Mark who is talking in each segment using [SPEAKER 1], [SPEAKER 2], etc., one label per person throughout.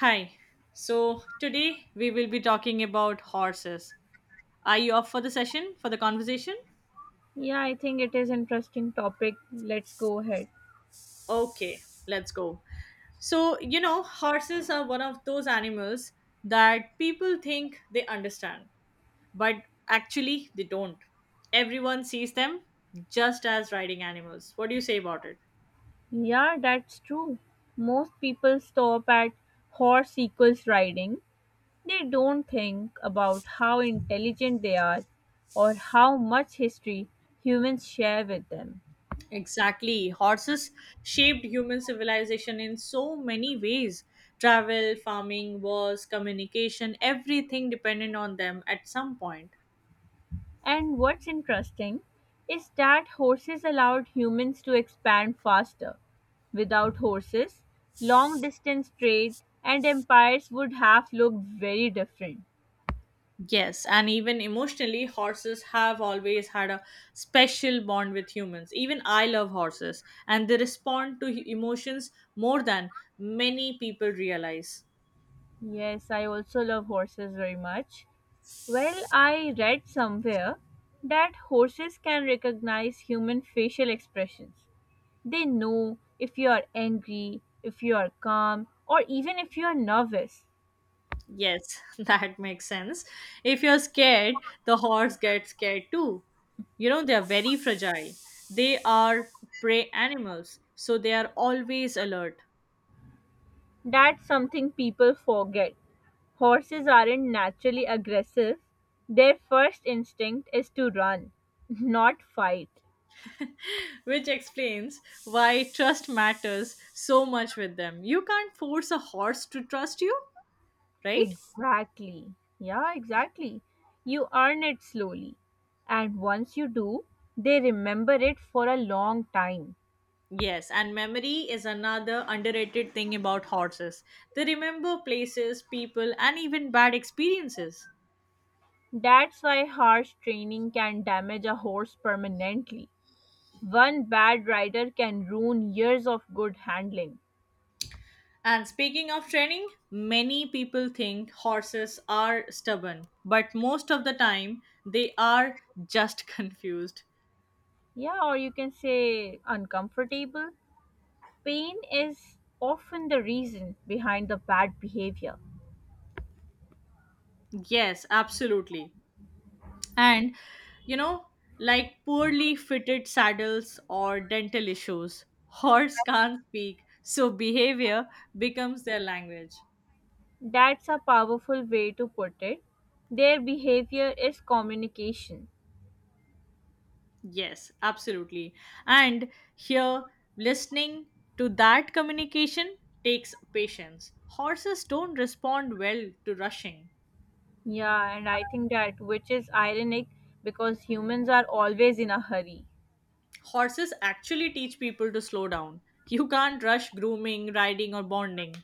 [SPEAKER 1] Hi. So today we will be talking about horses. Are you up for the session, for the conversation?
[SPEAKER 2] Yeah, I think it is interesting topic. Let's go ahead.
[SPEAKER 1] Okay, let's go. So, horses are one of those animals that people think they understand, but actually they don't. Everyone sees them just as riding animals. What do you say about it?
[SPEAKER 2] Yeah, that's true. Most people stop at horse equals riding. They don't think about how intelligent they are or how much history humans share with them.
[SPEAKER 1] Exactly. Horses shaped human civilization in so many ways. Travel, farming, wars, communication, everything depended on them at some point.
[SPEAKER 2] And what's interesting is that horses allowed humans to expand faster. Without horses, long distance trade and empires would have looked very different.
[SPEAKER 1] Yes, and even emotionally, horses have always had a special bond with humans. Even I love horses, and they respond to emotions more than many people realize.
[SPEAKER 2] Yes, I also love horses very much. Well, I read somewhere that horses can recognize human facial expressions. They know if you are angry, if you are calm, or even if you are nervous.
[SPEAKER 1] Yes, that makes sense. If you're scared, the horse gets scared too. They're very fragile. They are prey animals, so they are always alert,
[SPEAKER 2] That's something people forget. Horses aren't naturally aggressive. Their first instinct is to run, not fight.
[SPEAKER 1] which explains why trust matters so much with them. You can't force a horse to trust you, right?
[SPEAKER 2] Exactly. Yeah, exactly. You earn it slowly. And once you do, they remember it for a long time.
[SPEAKER 1] Yes, and memory is another underrated thing about horses. They remember places, people, and even bad experiences.
[SPEAKER 2] That's why harsh training can damage a horse permanently. One bad rider can ruin years of good handling.
[SPEAKER 1] And speaking of training, many people think horses are stubborn, but most of the time they are just confused.
[SPEAKER 2] Yeah, or you can say uncomfortable. Pain is often the reason behind the bad behavior.
[SPEAKER 1] Yes, absolutely. And you know, like poorly fitted saddles or dental issues, horse can't speak, so behavior becomes their language.
[SPEAKER 2] That's a powerful way to put it. Their behavior is communication.
[SPEAKER 1] Yes, absolutely. And here, listening to that communication takes patience. Horses don't respond well to rushing.
[SPEAKER 2] Yeah, and I think that which is ironic because humans are always in a hurry.
[SPEAKER 1] Horses actually teach people to slow down. You can't rush grooming, riding, or bonding.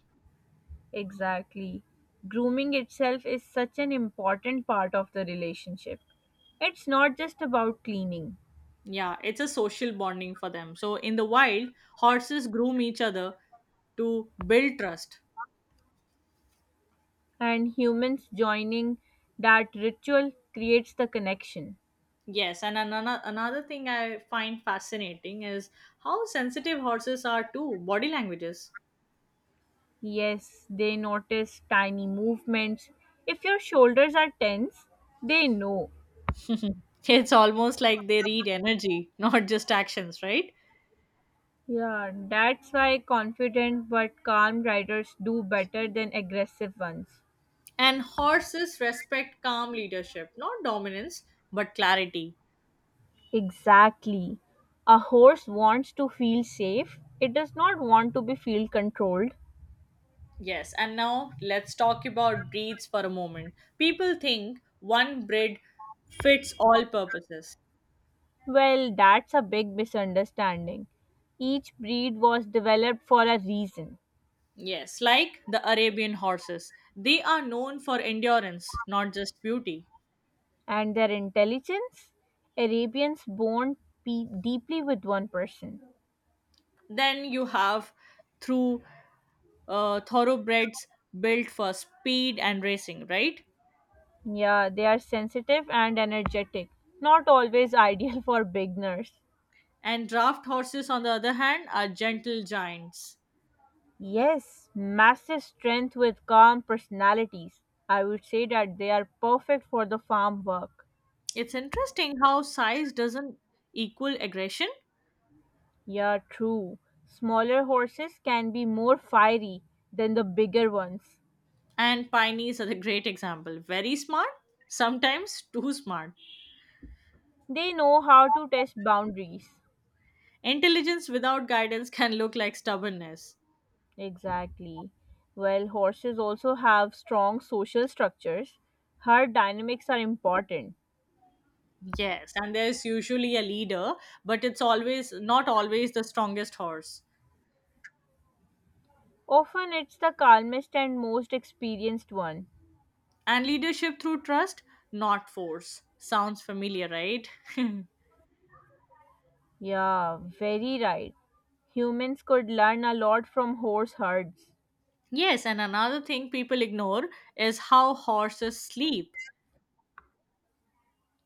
[SPEAKER 2] Exactly. Grooming itself is such an important part of the relationship. It's not just about cleaning,
[SPEAKER 1] Yeah, it's a social bonding for them. So, in the wild, horses groom each other to build trust.
[SPEAKER 2] and humans joining that ritual creates the connection.
[SPEAKER 1] Yes, and another thing I find fascinating is how sensitive horses are to body languages.
[SPEAKER 2] Yes, they notice tiny movements. If your shoulders are tense, they know.
[SPEAKER 1] It's almost like they read energy, not just actions, right?
[SPEAKER 2] Yeah, that's why confident but calm riders do better than aggressive ones.
[SPEAKER 1] And horses respect calm leadership, not dominance, but clarity.
[SPEAKER 2] Exactly. A horse wants to feel safe, it does not want to be feel controlled.
[SPEAKER 1] Yes, and now let's talk about breeds for a moment. People think one breed fits all purposes.
[SPEAKER 2] Well, that's a big misunderstanding. Each breed was developed for a reason,
[SPEAKER 1] Yes, like the Arabian horses. They are known for endurance, not just beauty.
[SPEAKER 2] and their intelligence? Arabians bond deeply with one person.
[SPEAKER 1] Then you have through thoroughbreds built for speed and racing, right?
[SPEAKER 2] Yeah, they are sensitive and energetic, not always ideal for beginners.
[SPEAKER 1] And draft horses, on the other hand, are gentle giants.
[SPEAKER 2] Yes, massive strength with calm personalities. I would say that they are perfect for the farm work.
[SPEAKER 1] It's interesting how size doesn't equal aggression.
[SPEAKER 2] Yeah, true. Smaller horses can be more fiery than the bigger ones.
[SPEAKER 1] And pioneers are the great example, very smart, sometimes too smart.
[SPEAKER 2] They know how to test boundaries.
[SPEAKER 1] Intelligence without guidance can look like stubbornness.
[SPEAKER 2] Exactly. Well, horses also have strong social structures. Herd dynamics are important.
[SPEAKER 1] Yes, and there's usually a leader, but it's always not always the strongest horse.
[SPEAKER 2] Often it's the calmest and most experienced one.
[SPEAKER 1] And leadership through trust, not force, sounds familiar, right?
[SPEAKER 2] Yeah, very right. Humans could learn a lot from horse herds.
[SPEAKER 1] Yes, and another thing people ignore is how horses sleep,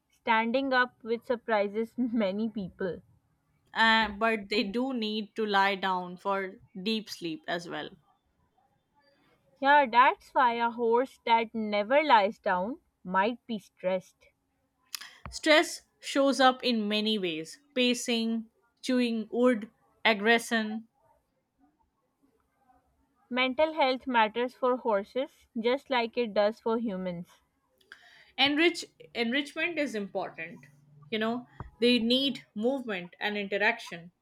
[SPEAKER 2] Standing up, which surprises many people.
[SPEAKER 1] but they do need to lie down for deep sleep as well.
[SPEAKER 2] Yeah, that's why a horse that never lies down might be stressed.
[SPEAKER 1] Stress shows up in many ways: pacing, chewing wood, aggression.
[SPEAKER 2] Mental health matters for horses just like it does for humans.
[SPEAKER 1] Enrich- enrichment is important. You know, they need movement and interaction.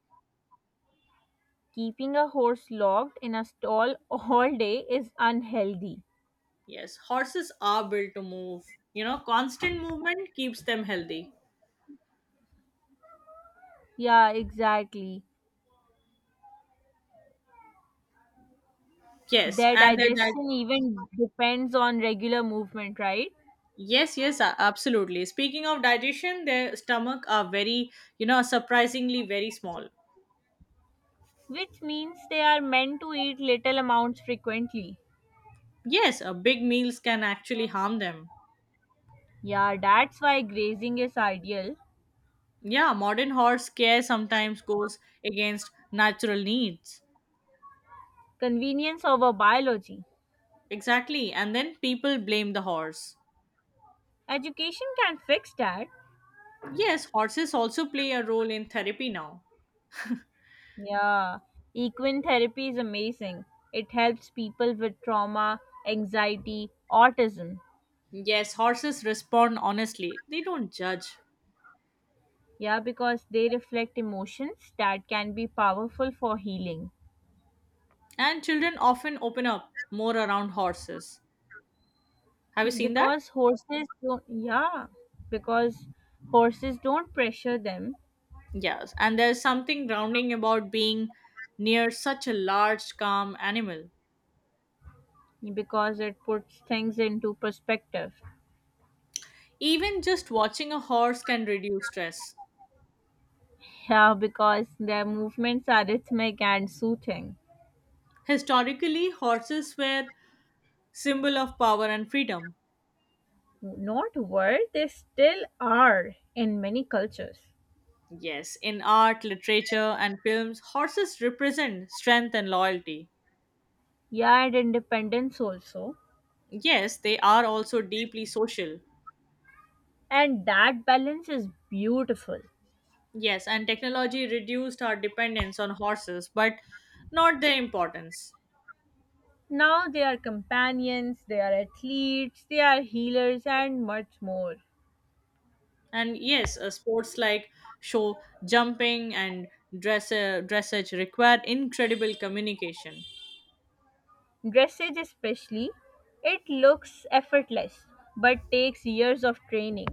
[SPEAKER 2] Keeping a horse locked in a stall all day is unhealthy.
[SPEAKER 1] Yes, horses are built to move. Constant movement keeps them healthy.
[SPEAKER 2] Yeah, exactly.
[SPEAKER 1] Yes,
[SPEAKER 2] Their
[SPEAKER 1] and their diet.
[SPEAKER 2] digestion even depends on regular movement, right?
[SPEAKER 1] Yes, yes, absolutely. Speaking of digestion, their stomach are very, surprisingly very small.
[SPEAKER 2] Which means they are meant to eat little amounts frequently.
[SPEAKER 1] Yes, big meals can actually harm them.
[SPEAKER 2] Yeah, that's why grazing is ideal.
[SPEAKER 1] Yeah, modern horse care sometimes goes against natural needs.
[SPEAKER 2] Convenience over biology.
[SPEAKER 1] Exactly, and then people blame the horse.
[SPEAKER 2] Education can fix that.
[SPEAKER 1] Yes, horses also play a role in therapy now.
[SPEAKER 2] Yeah, equine therapy is amazing. It helps people with trauma, anxiety, autism.
[SPEAKER 1] Yes, horses respond honestly, they don't judge.
[SPEAKER 2] Yeah, because they reflect emotions that can be powerful for healing.
[SPEAKER 1] And children often open up more around horses. Have you seen that?
[SPEAKER 2] Because horses don't, yeah, because horses don't pressure them
[SPEAKER 1] Yes, and there's something grounding about being near such a large, calm animal.
[SPEAKER 2] because it puts things into perspective.
[SPEAKER 1] Even just watching a horse can reduce stress.
[SPEAKER 2] Yeah, because their movements are rhythmic and soothing.
[SPEAKER 1] Historically, horses were symbol of power and freedom.
[SPEAKER 2] Not were, they still are in many cultures.
[SPEAKER 1] Yes, in art, literature, and films, horses represent strength and loyalty.
[SPEAKER 2] Yeah, and independence also.
[SPEAKER 1] Yes, they are also deeply social.
[SPEAKER 2] And that balance is beautiful.
[SPEAKER 1] Yes, and technology reduced our dependence on horses, but not their importance.
[SPEAKER 2] Now they are companions, they are athletes, they are healers, and much more.
[SPEAKER 1] And yes, sports like show jumping and dressage require incredible communication.
[SPEAKER 2] Dressage, especially, it looks effortless but takes years of training.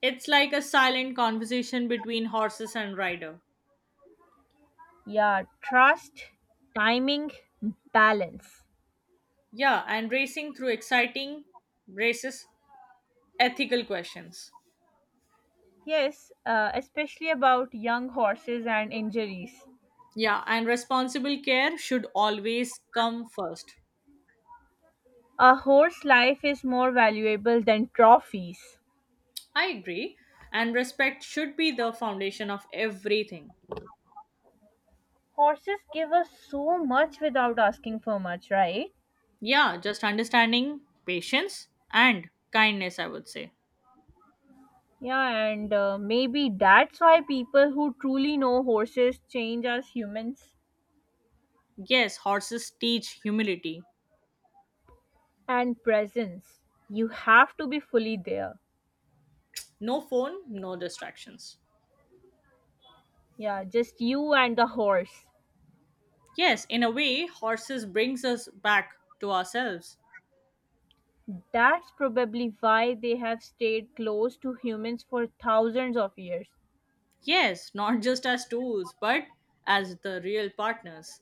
[SPEAKER 1] It's like a silent conversation between horses and rider.
[SPEAKER 2] Yeah, trust, timing, balance.
[SPEAKER 1] Yeah, and racing through exciting races, ethical questions.
[SPEAKER 2] Yes, especially about young horses and injuries.
[SPEAKER 1] Yeah, and responsible care should always come first.
[SPEAKER 2] A horse life is more valuable than trophies.
[SPEAKER 1] I agree. And respect should be the foundation of everything.
[SPEAKER 2] Horses give us so much without asking for much, right?
[SPEAKER 1] Yeah, just understanding, patience, and kindness, I would say.
[SPEAKER 2] Yeah, and maybe that's why people who truly know horses change as humans
[SPEAKER 1] Yes, horses teach humility.
[SPEAKER 2] and presence. You have to be fully there.
[SPEAKER 1] No phone, no distractions.
[SPEAKER 2] Yeah, just you and the horse.
[SPEAKER 1] Yes, in a way, horses brings us back to ourselves.
[SPEAKER 2] That's probably why they have stayed close to humans for thousands of years.
[SPEAKER 1] Yes, not just as tools, but as the real partners.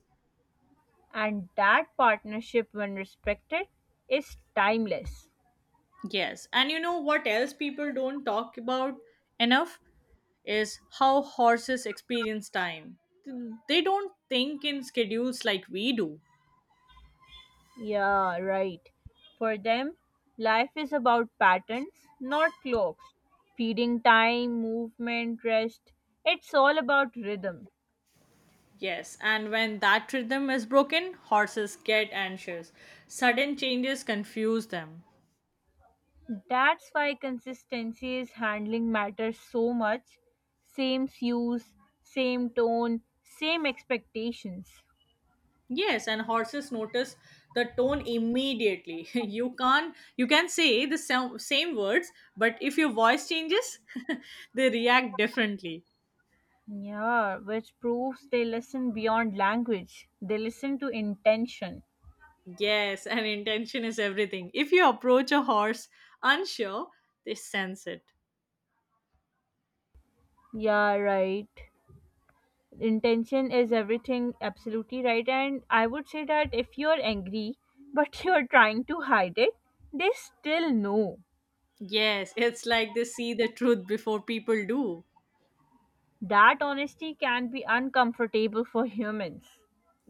[SPEAKER 2] And that partnership, when respected, is timeless.
[SPEAKER 1] Yes, and you know what else people don't talk about enough is how horses experience time. They don't think in schedules like we do.
[SPEAKER 2] Yeah, right. For them, life is about patterns, not clocks. Feeding time, movement, rest. It's all about rhythm.
[SPEAKER 1] Yes, and when that rhythm is broken, horses get anxious. Sudden changes confuse them.
[SPEAKER 2] That's why consistency is handling matters so much. Same cues, same tone, same expectations.
[SPEAKER 1] Yes, and horses notice the tone immediately. You can't you can say the same words, but if your voice changes, they react differently.
[SPEAKER 2] Yeah, which proves they listen beyond language. They listen to intention.
[SPEAKER 1] Yes, and intention is everything. If you approach a horse unsure, they sense it.
[SPEAKER 2] Yeah, right. Intention is everything, absolutely right, and I would say that if you're angry but you're trying to hide it, they still know
[SPEAKER 1] Yes, it's like they see the truth before people do.
[SPEAKER 2] that honesty can be uncomfortable for humans.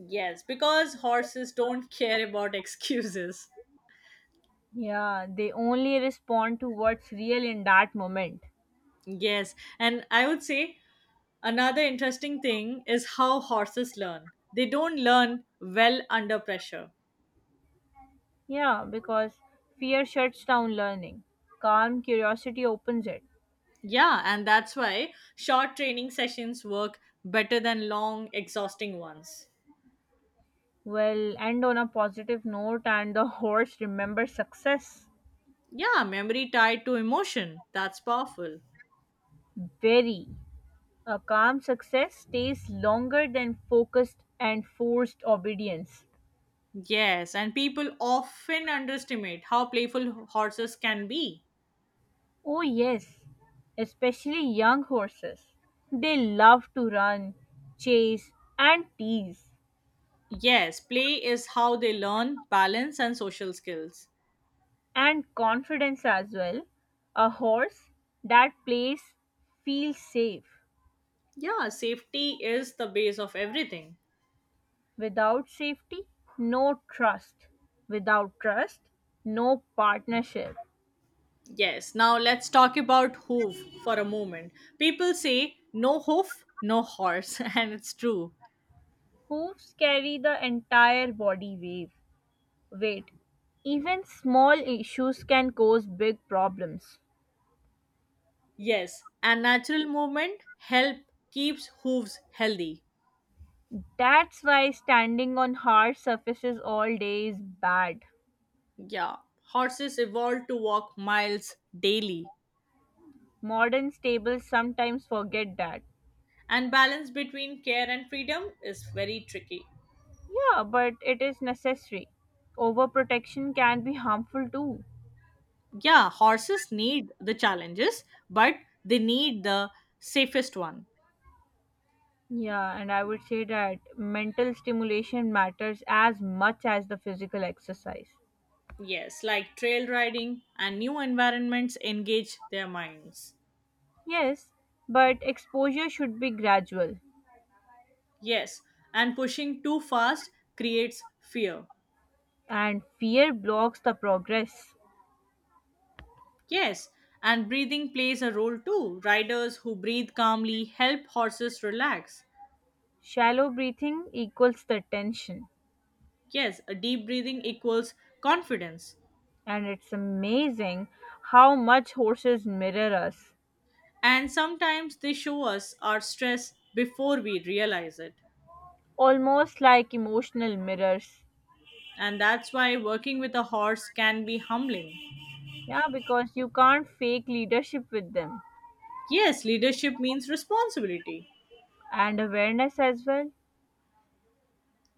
[SPEAKER 1] Yes, because horses don't care about excuses.
[SPEAKER 2] Yeah, they only respond to what's real in that moment.
[SPEAKER 1] Yes, and I would say another interesting thing is how horses learn. They don't learn well under pressure.
[SPEAKER 2] Yeah, because fear shuts down learning, calm curiosity opens it.
[SPEAKER 1] Yeah, and that's why short training sessions work better than long, exhausting ones.
[SPEAKER 2] We'll end on a positive note, and the horse remembers success.
[SPEAKER 1] Yeah, memory tied to emotion. That's powerful.
[SPEAKER 2] Very. A calm success stays longer than focused and forced obedience.
[SPEAKER 1] Yes, and people often underestimate how playful horses can be.
[SPEAKER 2] Oh, yes, especially young horses. They love to run, chase, and tease,
[SPEAKER 1] Yes, play is how they learn balance and social skills.
[SPEAKER 2] and confidence as well. A horse that plays feels safe.
[SPEAKER 1] Yeah, safety is the base of everything.
[SPEAKER 2] Without safety, no trust. Without trust, no partnership.
[SPEAKER 1] Yes, now let's talk about hoof for a moment. People say no hoof, no horse, and it's true.
[SPEAKER 2] Hooves carry the entire body weight. Wait, even small issues can cause big problems.
[SPEAKER 1] Yes, and natural movement help keeps hooves healthy.
[SPEAKER 2] That's why standing on hard surfaces all day is bad.
[SPEAKER 1] Yeah, horses evolved to walk miles daily,
[SPEAKER 2] Modern stables sometimes forget that.
[SPEAKER 1] and balance between care and freedom is very tricky.
[SPEAKER 2] Yeah, but it is necessary. Overprotection can be harmful too.
[SPEAKER 1] Yeah, horses need the challenges, but they need the safest one.
[SPEAKER 2] Yeah, and I would say that mental stimulation matters as much as the physical exercise.
[SPEAKER 1] Yes, like trail riding and new environments engage their minds.
[SPEAKER 2] Yes, but exposure should be gradual,
[SPEAKER 1] Yes, and pushing too fast creates fear.
[SPEAKER 2] and fear blocks the progress.
[SPEAKER 1] Yes, and breathing plays a role too. Riders who breathe calmly help horses relax.
[SPEAKER 2] Shallow breathing equals the tension,
[SPEAKER 1] Yes, a deep breathing equals confidence.
[SPEAKER 2] and it's amazing how much horses mirror us,
[SPEAKER 1] And sometimes they show us our stress before we realize it.
[SPEAKER 2] almost like emotional mirrors.
[SPEAKER 1] And that's why working with a horse can be humbling.
[SPEAKER 2] Yeah, because you can't fake leadership with them.
[SPEAKER 1] Yes, leadership means responsibility.
[SPEAKER 2] And awareness as well.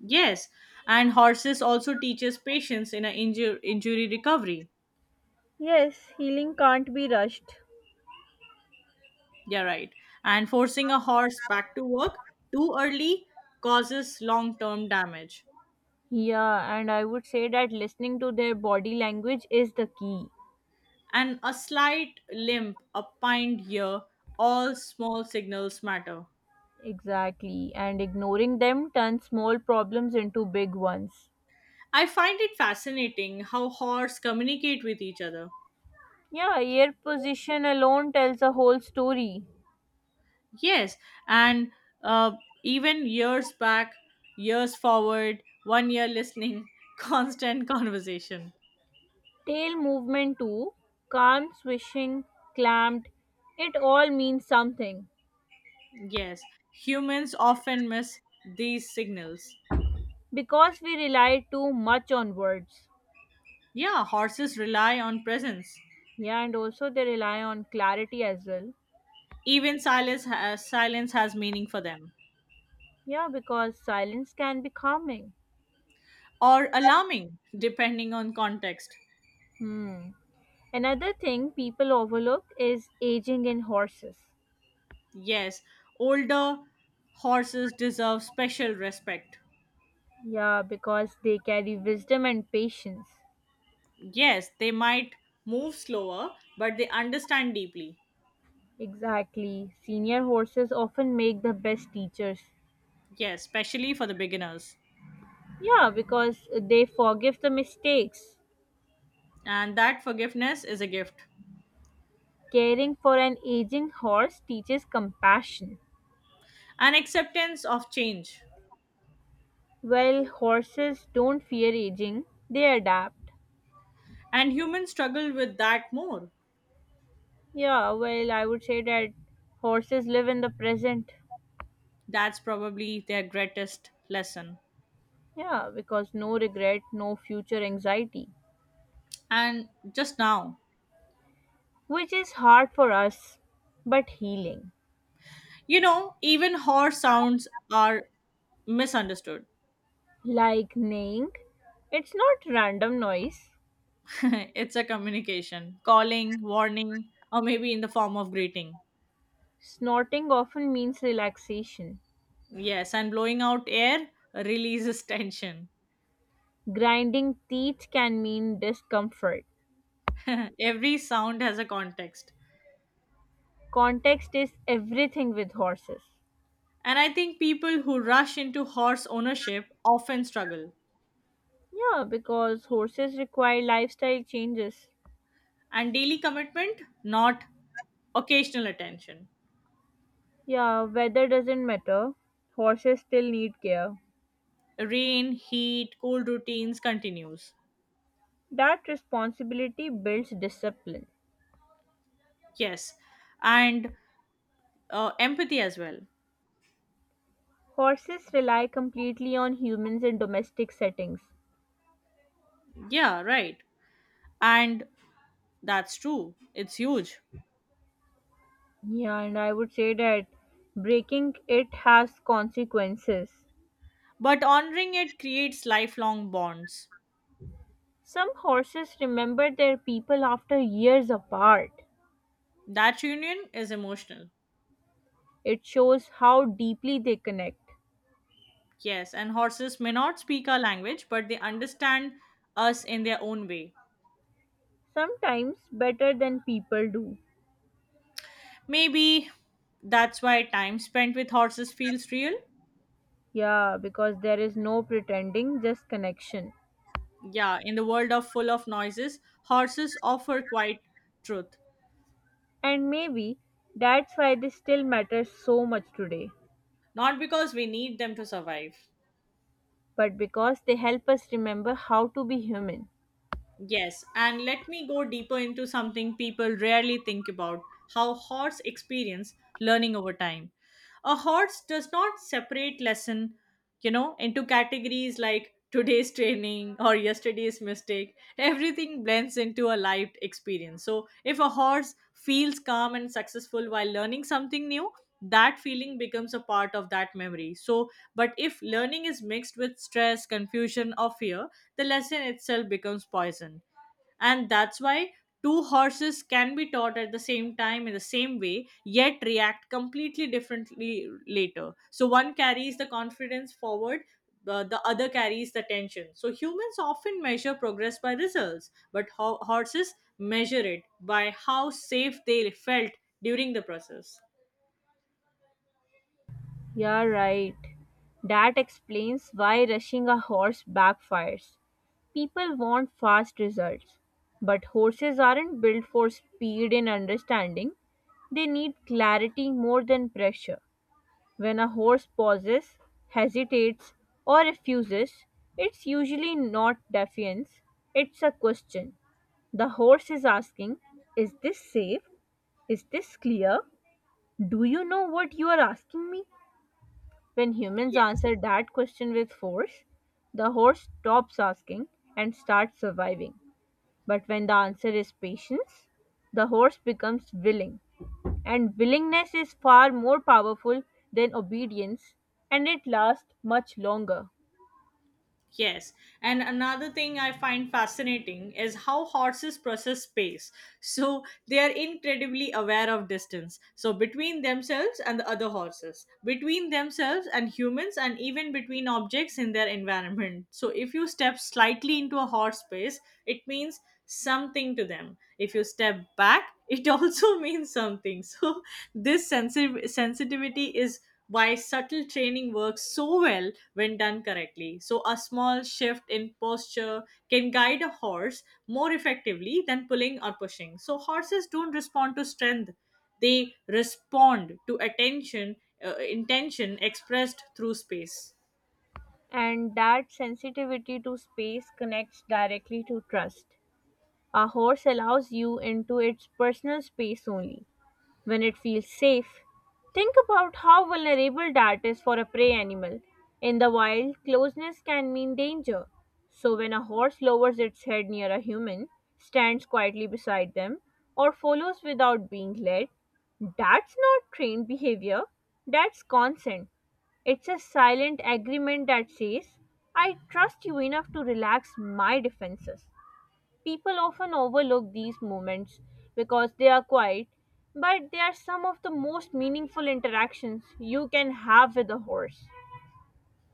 [SPEAKER 1] Yes, and horses also teaches patience in an injury recovery.
[SPEAKER 2] Yes, healing can't be rushed.
[SPEAKER 1] Yeah, right. And forcing a horse back to work too early causes long term damage.
[SPEAKER 2] Yeah, and I would say that listening to their body language is the key.
[SPEAKER 1] And a slight limp, a pined ear, all small signals matter.
[SPEAKER 2] Exactly, and ignoring them turns small problems into big ones.
[SPEAKER 1] I find it fascinating how horse communicate with each other.
[SPEAKER 2] Yeah, ear position alone tells a whole story.
[SPEAKER 1] Yes, and uh, even years back, years forward, one year listening, constant conversation.
[SPEAKER 2] Tail movement too, calm, swishing, clamped, it all means something
[SPEAKER 1] Yes, humans often miss these signals.
[SPEAKER 2] because we rely too much on words.
[SPEAKER 1] Yeah, horses rely on presence.
[SPEAKER 2] Yeah, and also they rely on clarity as well.
[SPEAKER 1] Even silence has meaning for them,
[SPEAKER 2] Yeah, because silence can be calming.
[SPEAKER 1] or alarming, depending on context.
[SPEAKER 2] Hmm. Another thing people overlook is aging in horses.
[SPEAKER 1] Yes, older horses deserve special respect.
[SPEAKER 2] Yeah, because they carry wisdom and patience.
[SPEAKER 1] Yes, they might move slower, but they understand deeply.
[SPEAKER 2] Exactly. Senior horses often make the best teachers.
[SPEAKER 1] Yes, especially for the beginners.
[SPEAKER 2] Yeah, because they forgive the mistakes.
[SPEAKER 1] And that forgiveness is a gift,
[SPEAKER 2] Caring for an aging horse teaches compassion.
[SPEAKER 1] an acceptance of change.
[SPEAKER 2] While horses don't fear aging, they adapt.
[SPEAKER 1] And humans struggle with that more.
[SPEAKER 2] Yeah, well, I would say that horses live in the present.
[SPEAKER 1] That's probably their greatest lesson.
[SPEAKER 2] Yeah, because no regret, no future anxiety,
[SPEAKER 1] And just now,
[SPEAKER 2] which is hard for us, but healing.
[SPEAKER 1] Even horse sounds are misunderstood.
[SPEAKER 2] Like neighing, it's not random noise.
[SPEAKER 1] It's a communication, calling, warning, or maybe in the form of greeting.
[SPEAKER 2] Snorting often means relaxation.
[SPEAKER 1] Yes, and blowing out air releases tension.
[SPEAKER 2] Grinding teeth can mean discomfort.
[SPEAKER 1] Every sound has a context.
[SPEAKER 2] Context is everything with horses.
[SPEAKER 1] And I think people who rush into horse ownership often struggle.
[SPEAKER 2] Yeah, because horses require lifestyle changes.
[SPEAKER 1] And daily commitment, not occasional attention.
[SPEAKER 2] Yeah, weather doesn't matter. Horses still need care.
[SPEAKER 1] Rain, heat, cold routines continues.
[SPEAKER 2] That responsibility builds discipline.
[SPEAKER 1] Yes. And empathy as well.
[SPEAKER 2] Horses rely completely on humans in domestic settings.
[SPEAKER 1] Yeah, right. And that's true, it's huge.
[SPEAKER 2] Yeah, and I would say that breaking it has consequences.
[SPEAKER 1] But honoring it creates lifelong bonds.
[SPEAKER 2] Some horses remember their people after years apart.
[SPEAKER 1] That union is emotional.
[SPEAKER 2] It shows how deeply they connect,
[SPEAKER 1] Yes, and horses may not speak our language, but they understand us in their own way.
[SPEAKER 2] sometimes better than people do.
[SPEAKER 1] Maybe that's why time spent with horses feels real.
[SPEAKER 2] Yeah, because there is no pretending, just connection.
[SPEAKER 1] Yeah, in the world of full of noises, horses offer quite truth.
[SPEAKER 2] And maybe that's why they still matter so much today.
[SPEAKER 1] Not because we need them to survive.
[SPEAKER 2] But because they help us remember how to be human.
[SPEAKER 1] Yes, and let me go deeper into something people rarely think about: how hordes experience learning over time. A hordes does not separate lesson, into categories like today's training or yesterday's mistake. Everything blends into a lived experience. So, if a horse feels calm and successful while learning something new, that feeling becomes a part of that memory. So, but if learning is mixed with stress, confusion, or fear, the lesson itself becomes poison. And that's why two horses can be taught at the same time in the same way, yet react completely differently later. So one carries the confidence forward. The other carries the tension. So humans often measure progress by results, but horses measure it by how safe they felt during the process.
[SPEAKER 2] Yeah, right. That explains why rushing a horse backfires. People want fast results. But horses aren't built for speed and understanding, they need clarity more than pressure. When a horse pauses, hesitates, or refuses, it's usually not defiance, it's a question. The horse is asking, is this safe? Is this clear? Do you know what you are asking me? When humans
[SPEAKER 1] Yes.
[SPEAKER 2] answer that question with force, the horse stops asking and starts surviving. But when the answer is patience, the horse becomes willing. And willingness is far more powerful than obedience, and it lasts much longer.
[SPEAKER 1] Yes, and another thing I find fascinating is how horses process space. So they are incredibly aware of distance. So between themselves and the other horses, between themselves and humans, and even between objects in their environment. So if you step slightly into a horse space, it means something to them. If you step back, it also means something. So this sensitivity is why subtle training works so well when done correctly. So, a small shift in posture can guide a horse more effectively than pulling or pushing. So, horses don't respond to strength, they respond to attention, intention expressed through space.
[SPEAKER 2] And that sensitivity to space connects directly to trust. A horse allows you into its personal space only when it feels safe. Think about how vulnerable that is for a prey animal. In the wild, closeness can mean danger. So, when a horse lowers its head near a human, stands quietly beside them, or follows without being led, that's not trained behavior, that's consent. It's a silent agreement that says, I trust you enough to relax my defenses. People often overlook these moments because they are quiet, but they are some of the most meaningful interactions you can have with a horse.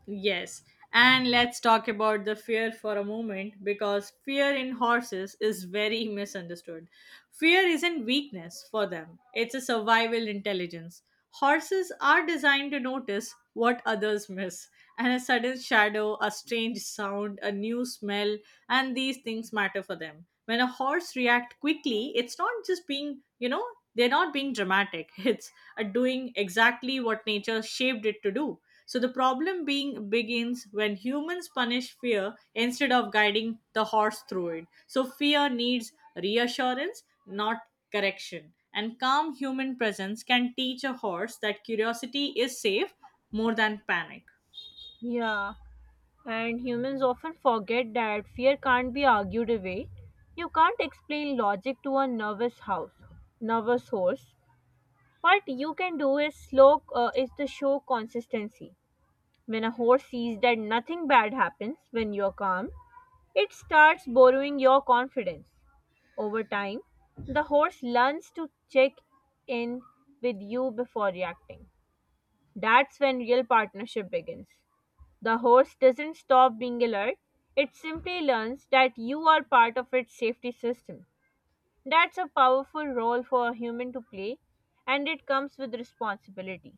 [SPEAKER 1] Yes. And let's talk about the fear for a moment, because fear in horses is very misunderstood. Fear isn't weakness for them, it's a survival intelligence. Horses are designed to notice what others miss, and a sudden shadow, a strange sound, a new smell, and these things matter for them. When a horse reacts quickly, it's not just being, they're not being dramatic, it's doing exactly what nature shaped it to do. So the problem being begins when humans punish fear instead of guiding the horse through it. So fear needs reassurance, not correction. And calm human presence can teach a horse that curiosity is safe more than panic.
[SPEAKER 2] Yeah, and humans often forget that fear can't be argued away. You can't explain logic to a nervous horse. What you can do is slow is to show consistency. When a horse sees that nothing bad happens when you're calm, it starts borrowing your confidence. Over time, the horse learns to check in with you before reacting. That's when real partnership begins. The horse doesn't stop being alert, it simply learns that you are part of its safety system. That's a powerful role for a human to play, and it comes with responsibility.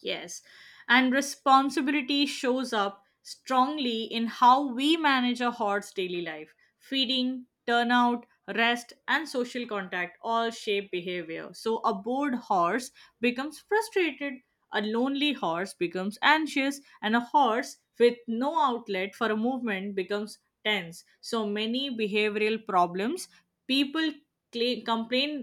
[SPEAKER 1] Yes. And responsibility shows up strongly in how we manage a horde's daily life. Feeding, turnout, rest, and social contact all shape behavior. So a bored horse becomes frustrated, a lonely horse becomes anxious, and a horse with no outlet for a movement becomes tense. So many behavioral problems people cla complain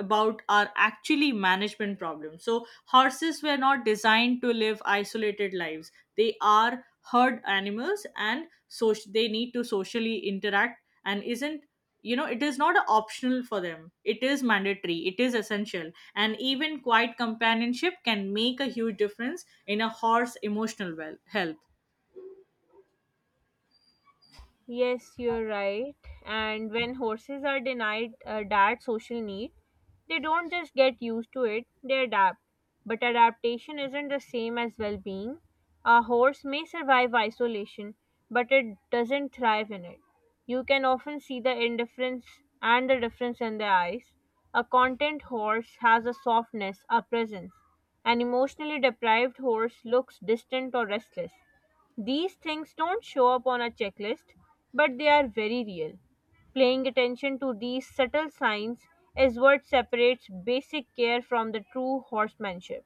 [SPEAKER 1] about are actually management problems. So, horses were not designed to live isolated lives. They are herd animals, and so they need to socially interact, and isn't, it is not a optional for them, it is mandatory, it is essential. And even quiet companionship can make a huge difference in a horse emotional well health.
[SPEAKER 2] Yes, you're right. And when horses are denied that social need, they don't just get used to it, they adapt. But adaptation isn't the same as well being. A horse may survive isolation, but it doesn't thrive in it. You can often see the indifference and the difference in their eyes. A content horse has a softness, a presence. An emotionally deprived horse looks distant or restless. These things don't show up on a checklist, but they are very real. Paying attention to these subtle signs is what separates basic care from the true horsemanship.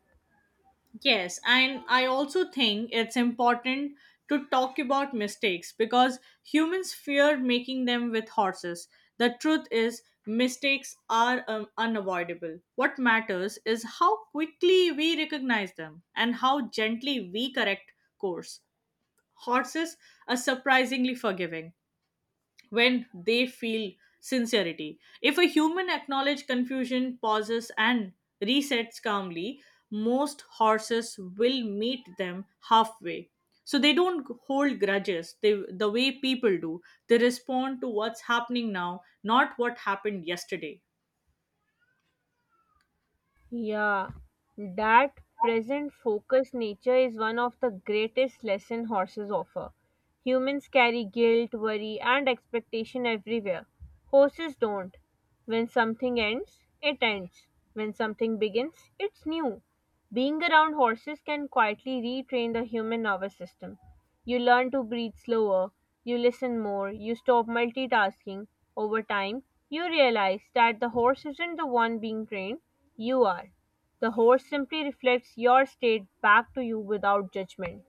[SPEAKER 1] Yes, and I also think it's important to talk about mistakes, because humans fear making them with horses. The truth is, mistakes are unavoidable. What matters is how quickly we recognize them and how gently we correct course. Horses are surprisingly forgiving when they feel sincerity. If a human acknowledges confusion, pauses, and resets calmly, most horses will meet them halfway. So they don't hold grudges the way people do. They respond to what's happening now, not what happened yesterday.
[SPEAKER 2] Yeah, that present focused nature is one of the greatest lesson horses offer. Humans carry guilt, worry, and expectation everywhere. Horses don't. When something ends, it ends. When something begins, it's new. Being around horses can quietly retrain the human nervous system. You learn to breathe slower, you listen more, you stop multitasking. Over time, you realize that the horse isn't the one being trained, you are. The horse simply reflects your state back to you without judgment.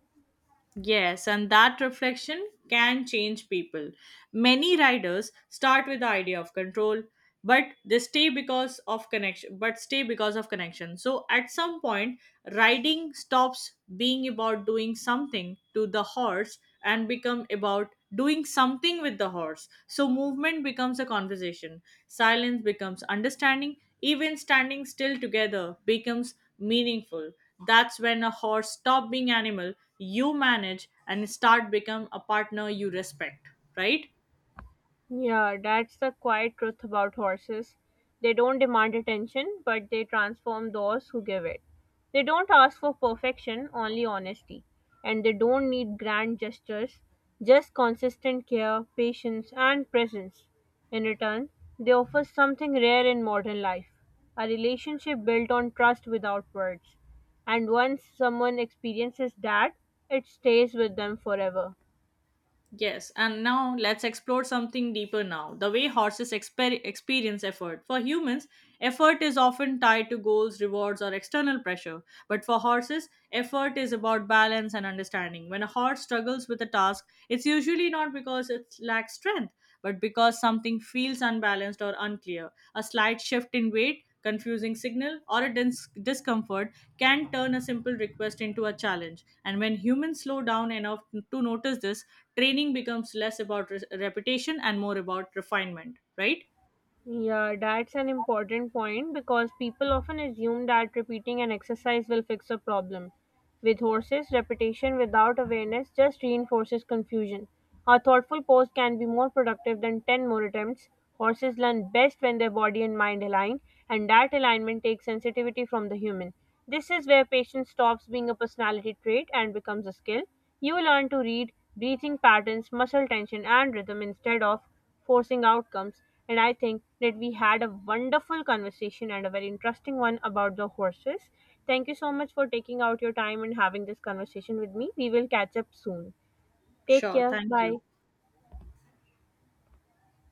[SPEAKER 1] Yes, and that reflection can change people. Many riders start with the idea of control, but stay because of connection. So at some point, riding stops being about doing something to the horse and become about doing something with the horse. So movement becomes a conversation, silence becomes understanding, even standing still together becomes meaningful. That's when a horse stops being animal you manage and start become a partner you respect, right?
[SPEAKER 2] Yeah, that's the quiet truth about horses. They don't demand attention, but they transform those who give it. They don't ask for perfection, only honesty. And they don't need grand gestures, just consistent care, patience, and presence. In return, they offer something rare in modern life, a relationship built on trust without words. And once someone experiences that, it stays with them forever.
[SPEAKER 1] Yes, and now let's explore something deeper, now the way horses experience effort. For humans, effort is often tied to goals, rewards, or external pressure, but for horses effort is about balance and understanding. When a horse struggles with a task, it's usually not because it lacks strength, but because something feels unbalanced or unclear. A slight shift in weight, confusing signal, or a discomfort can turn a simple request into a challenge. And when humans slow down enough to notice this, training becomes less about reputation and more about refinement, right?
[SPEAKER 2] Yeah, that's an important point because people often assume that repeating an exercise will fix a problem. With horses, repetition without awareness just reinforces confusion. A thoughtful pose can be more productive than 10 more attempts. Horses learn best when their body and mind align, and that alignment takes sensitivity from the human. This is where patience stops being a personality trait and becomes a skill. You learn to read breathing patterns, muscle tension, and rhythm instead of forcing outcomes. And I think that we had a wonderful conversation and a very interesting one about the horses. Thank you so much for taking out your time and having this conversation with me. We will catch up soon. Take
[SPEAKER 1] Sure,
[SPEAKER 2] care.
[SPEAKER 1] thank
[SPEAKER 2] Bye.
[SPEAKER 1] you.